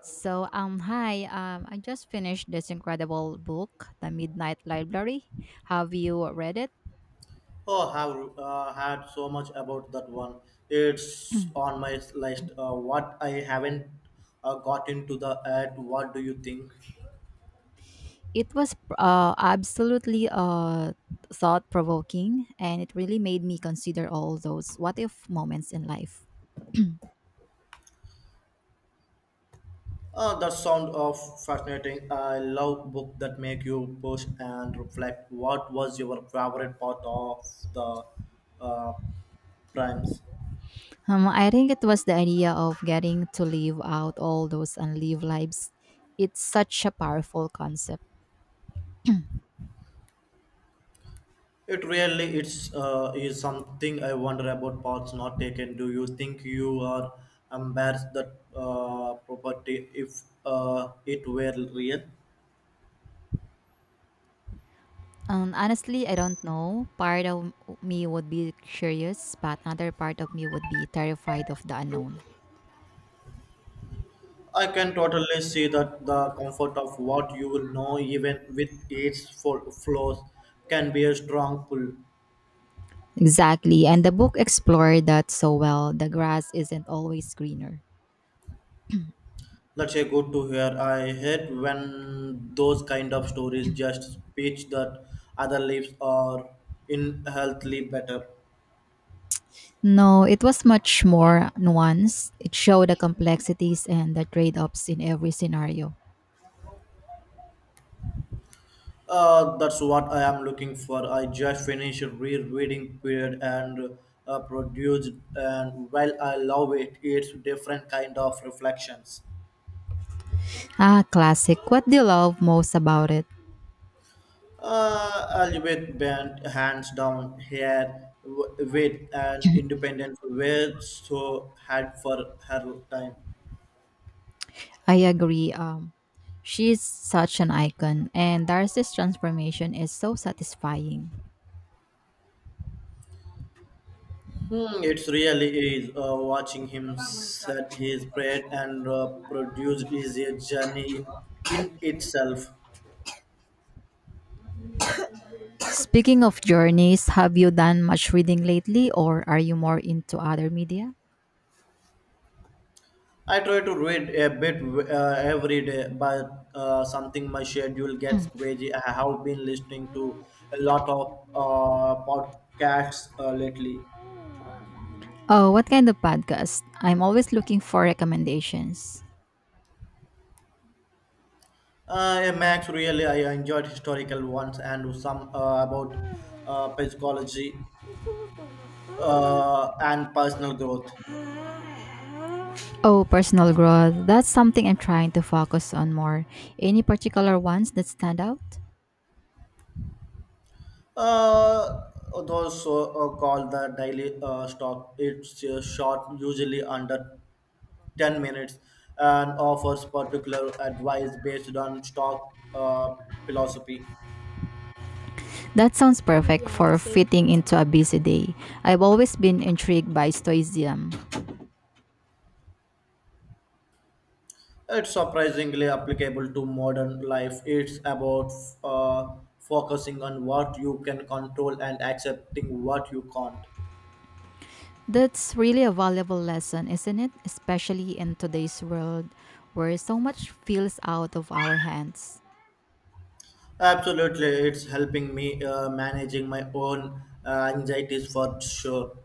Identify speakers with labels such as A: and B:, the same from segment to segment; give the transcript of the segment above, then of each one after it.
A: So, hi. I just finished this incredible book, The Midnight Library. Have you read it?
B: Oh, have had so much about that one. It's on my list. What I haven't got into the ad. What do you think?
A: It was absolutely thought provoking, and it really made me consider all those what if moments in life.
B: That sound of fascinating. I love book that make you push and reflect. What was your favorite part of the uh, primes?
A: I think it was the idea of getting to live out all those unlived lives. It's such a powerful concept.
B: It really it's is something I wonder about parts not taken. Do you think you are embarrassed that property if it were real?
A: Honestly, I don't know. Part of me would be curious, but another part of me would be terrified of the unknown.
B: I can totally see that the comfort of what you will know, even with its flaws, can be a strong pull.
A: Exactly. And the book explored that so well. The grass isn't always greener.
B: That's a good to hear. I hate when those kind of stories just speech that other lives are inherently better.
A: No, it was much more nuanced. It showed the complexities and the trade offs in every scenario.
B: That's what I am looking for. I just finished rereading period and produced, and while I love it, it's different kind of reflections.
A: Ah, classic. What do you love most about it?
B: A little bent, hands down, here with an independence were so had for her time.
A: I agree. She's such an icon, and Darcy's transformation is so satisfying.
B: Hmm, it's really is watching him set his bread and produce is a journey in itself.
A: Speaking of journeys, have you done much reading lately, or are you more into other media?
B: I try to read a bit every day, but something my schedule gets crazy. I have been listening to a lot of podcasts lately.
A: Oh, what kind of podcast? I'm always looking for recommendations.
B: Max, really, I enjoyed historical ones and some about psychology and personal growth.
A: Oh, personal growth. That's something I'm trying to focus on more. Any particular ones that stand out?
B: Uh, those so, called the daily stock. It's short, usually under 10 minutes and offers particular advice based on stock philosophy.
A: That sounds perfect for fitting into a busy day. I've always been intrigued by stoicism.
B: It's surprisingly applicable to modern life. It's about uh, focusing on what you can control and accepting what you can't.
A: That's really a valuable lesson, isn't it? Especially in today's world where so much feels out of our hands.
B: Absolutely, it's helping me managing my own anxieties for sure.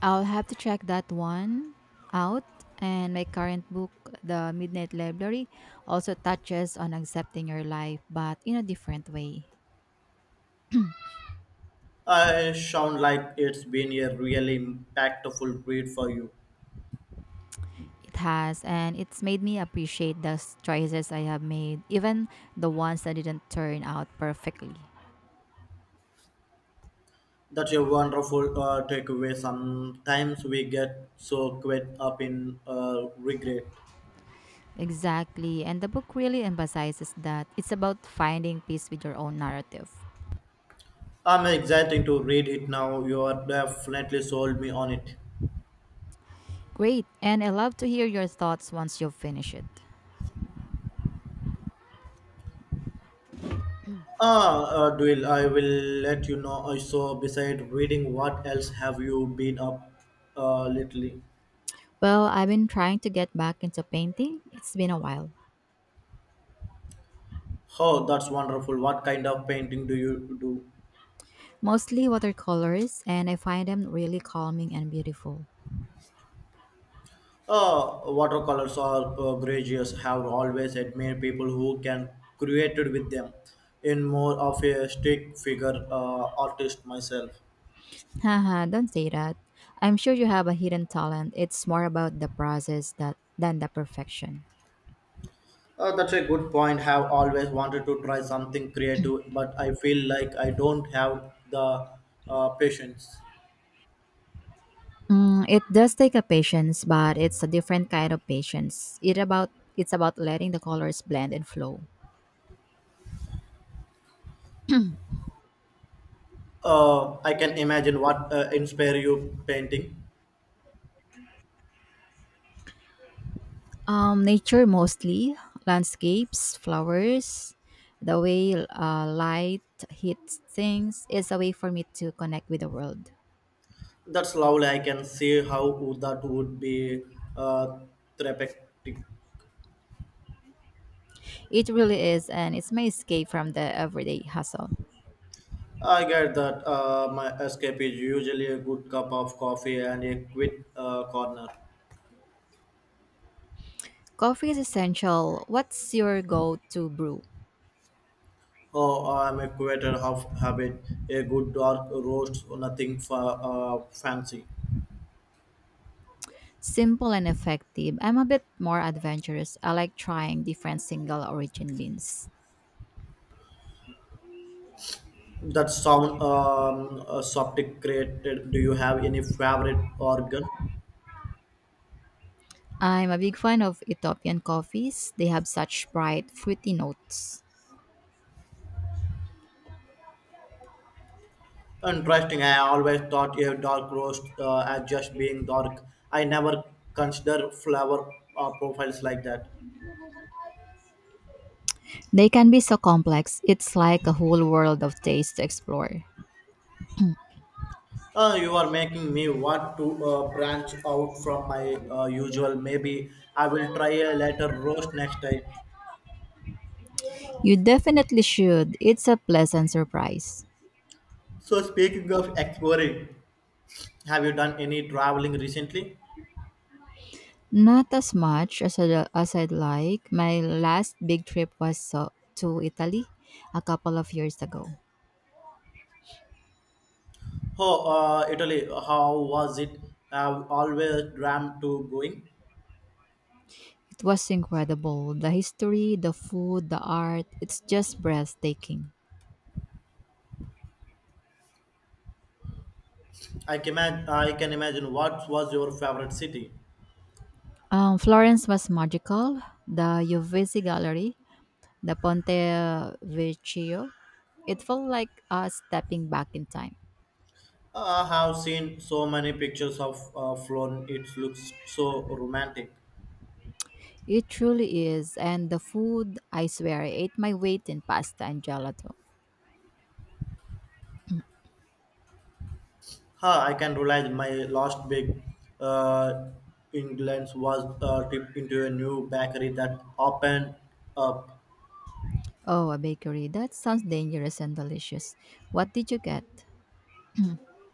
A: I'll have to check that one out. And my current book, The Midnight Library, also touches on accepting your life, but in a different way.
B: I sound like it's been a really impactful read for you.
A: It has, and it's made me appreciate the choices I have made, even the ones that didn't turn out perfectly.
B: That's a wonderful takeaway. Sometimes we get so caught up in regret.
A: Exactly, and the book really emphasizes that it's about finding peace with your own narrative.
B: I'm excited to read it now. You are definitely sold me on it.
A: Great, and I love to hear your thoughts once you've finished it.
B: Dwayne, I will let you know. So, besides reading, what else have you been up lately?
A: Well, I've been trying to get back into painting, it's been a while.
B: Oh, that's wonderful. What kind of painting do you do?
A: Mostly watercolors, and I find them really calming and beautiful.
B: Watercolors or gouaches have always admired people who can create it with them. In more of a stick figure artist myself.
A: Haha, don't say that. I'm sure you have a hidden talent. It's more about the process that than the perfection.
B: That's a good point. Have always wanted to try something creative, but I feel like I don't have the patience.
A: Mm, it does take a patience, but it's a different kind of patience. It's about letting the colors blend and flow.
B: I can imagine what inspire you painting.
A: Nature mostly, landscapes, flowers, the way light hits things is a way for me to connect with the world.
B: That's lovely. I can see how that would be uh, therapeutic.
A: It really is, and it's my escape from the everyday hustle.
B: I get that. My escape is usually a good cup of coffee and a quick corner.
A: Coffee is essential. What's your go to brew?
B: Oh, I'm a creator of habit, a good dark roast, nothing fancy.
A: Simple and effective. I'm a bit more adventurous. I like trying different single origin beans.
B: That sound subject created. Do you have any favorite organ?
A: I'm a big fan of Ethiopian coffees. They have such bright, fruity notes.
B: Interesting. I always thought a dark roast as just being dark. I never consider flavor profiles like that.
A: They can be so complex, it's like a whole world of taste to explore.
B: You are making me want to branch out from my usual. Maybe I will try a later roast next time.
A: You definitely should. It's a pleasant surprise.
B: So, speaking of exploring, have you done any traveling recently?
A: Not as much as I'd like. My last big trip was to Italy a couple of years ago.
B: Oh, Italy, how was it? I've always dreamt to going.
A: It was incredible. The history, the food, the art, it's just breathtaking.
B: I can imagine what was your favorite city.
A: Florence was magical. The Uffizi Gallery, the Ponte Vecchio, it felt like us stepping back in time.
B: I have seen so many pictures of Florence. It looks so romantic.
A: It truly is. And the food, I swear, I ate my weight in pasta and gelato.
B: Huh, I can realize my last big uh, England's was dipped into a new bakery that opened up.
A: Oh, a bakery. That sounds dangerous and delicious. What did you get?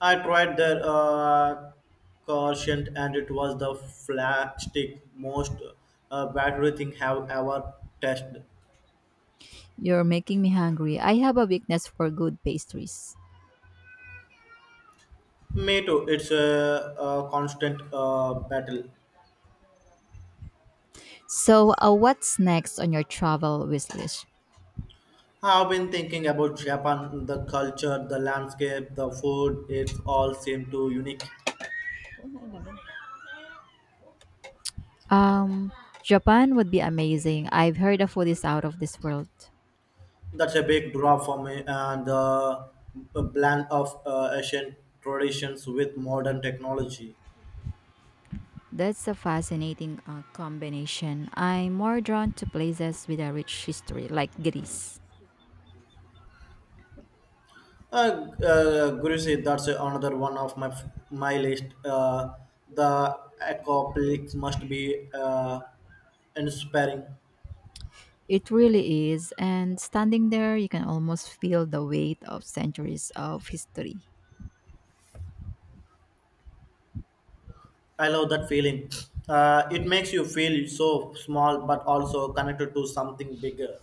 B: I tried their croissant and it was the flagstick most battery thing have ever tested.
A: You're making me hungry. I have a weakness for good pastries.
B: Me too. It's a constant battle.
A: So, what's next on your travel wish list?
B: I've been thinking about Japan, the culture, the landscape, the food. It's all seem too unique.
A: Um, Japan would be amazing. I've heard the food is out of this world.
B: That's a big draw for me, and the blend of ancient traditions with modern technology.
A: That's a fascinating combination. I'm more drawn to places with a rich history, like Greece.
B: Guruji, that's another one of my list. The accomplished must be inspiring.
A: It really is, and standing there, you can almost feel the weight of centuries of history.
B: I love that feeling. It makes you feel so small, but also connected to something bigger.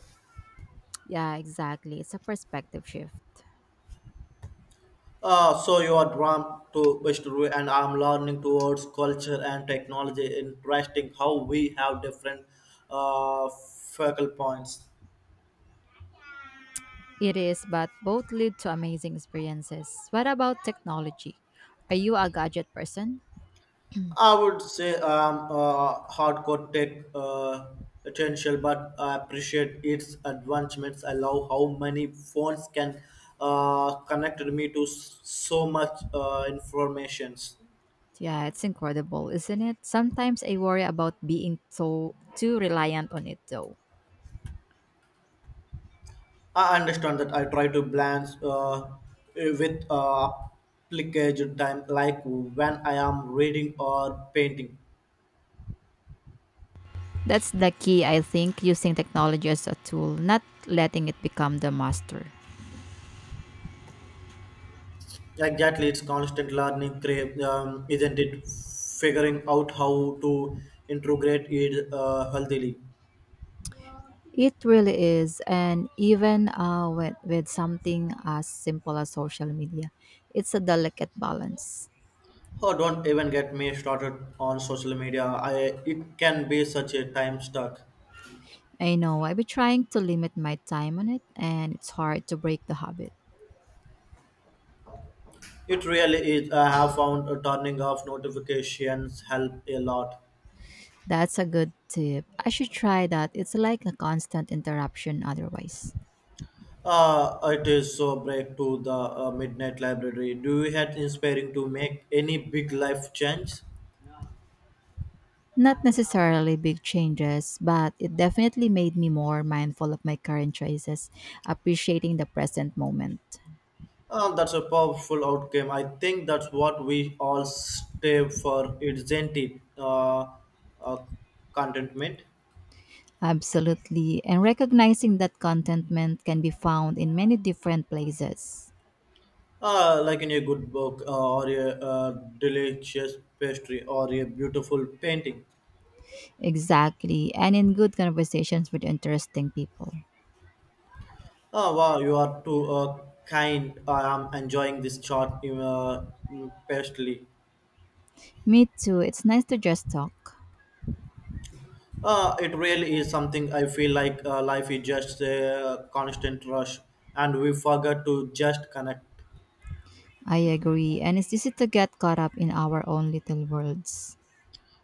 A: Yeah, exactly. It's a perspective shift.
B: So you are drawn to history, and I'm learning towards culture and technology. Interesting how we have different focal points.
A: It is, but both lead to amazing experiences. What about technology? Are you a gadget person?
B: I would say I'm a hardcore tech potential, but I appreciate its advancements. I love how many phones can connect me to so much informations.
A: Yeah, it's incredible, isn't it? Sometimes I worry about being so too reliant on it though.
B: I understand that I try to balance with application time, like when I am reading or painting.
A: That's the key, I think, using technology as a tool, not letting it become the master.
B: Exactly, it's constant learning, crave, isn't it? Figuring out how to integrate it healthily.
A: It really is, and even with something as simple as social media, it's a delicate balance.
B: Oh, don't even get me started on social media. I it can be such a time suck.
A: I know I've been trying to limit my time on it, and it's hard to break the habit.
B: It really is. I have found turning off notifications help a lot.
A: That's a good tip. I should try that. It's like a constant interruption otherwise.
B: It is so break to the midnight library. Do you had inspiring to make any big life change?
A: Not necessarily big changes, but it definitely made me more mindful of my current choices, appreciating the present moment.
B: That's a powerful outcome. I think that's what we all stay for, isn't it? Uh, Contentment,
A: Absolutely. And recognizing that contentment can be found in many different places.
B: like in a good book or a delicious pastry or a beautiful painting.
A: Exactly. And in good conversations with interesting people.
B: Oh wow, you are too kind. I am enjoying this short pastry.
A: Me too. It's nice to just talk.
B: It really is something I feel like life is just a constant rush and we forget to just connect.
A: I agree. And it's easy to get caught up in our own little worlds.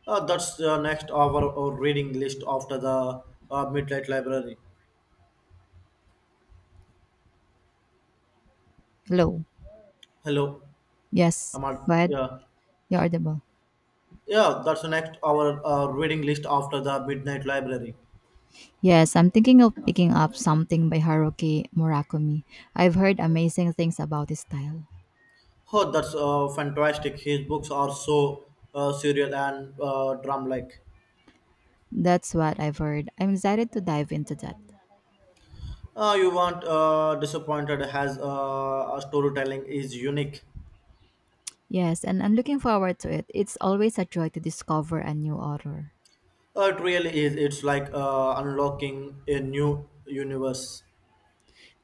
B: That's next hour or reading list after the Midnight Library.
A: Hello.
B: Hello,
A: Yes.
B: I'm on,
A: Go ahead.
B: yeah.
A: You're audible.
B: Yeah, that's the next hour reading list after the Midnight Library.
A: Yes, I'm thinking of picking up something by Haruki Murakami. I've heard amazing things about his style.
B: Oh, that's fantastic. His books are so serial and drum-like.
A: That's what I've heard. I'm excited to dive into that.
B: You weren't disappointed as a storytelling is unique.
A: Yes, and I'm looking forward to it. It's always a joy to discover a new author.
B: It really is. It's like unlocking a new universe.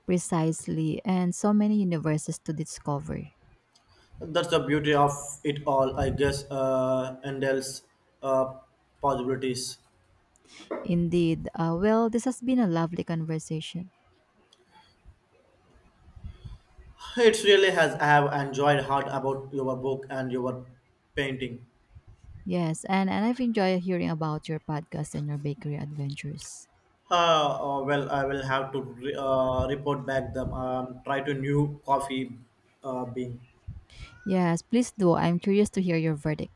A: Precisely, and so many universes to discover.
B: That's the beauty of it all, I guess. Endel's uh, possibilities.
A: Indeed. Well, this has been a lovely conversation.
B: It really has. I have enjoyed hard about your book and your painting.
A: Yes, and I've enjoyed hearing about your podcast and your bakery adventures.
B: Well, I will have to report back them. Try to new coffee bean.
A: Yes, please do. I'm curious to hear your verdict.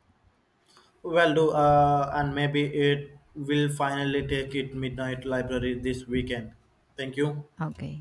B: Well, do and maybe it will finally take it midnight library this weekend. Thank you.
A: Okay.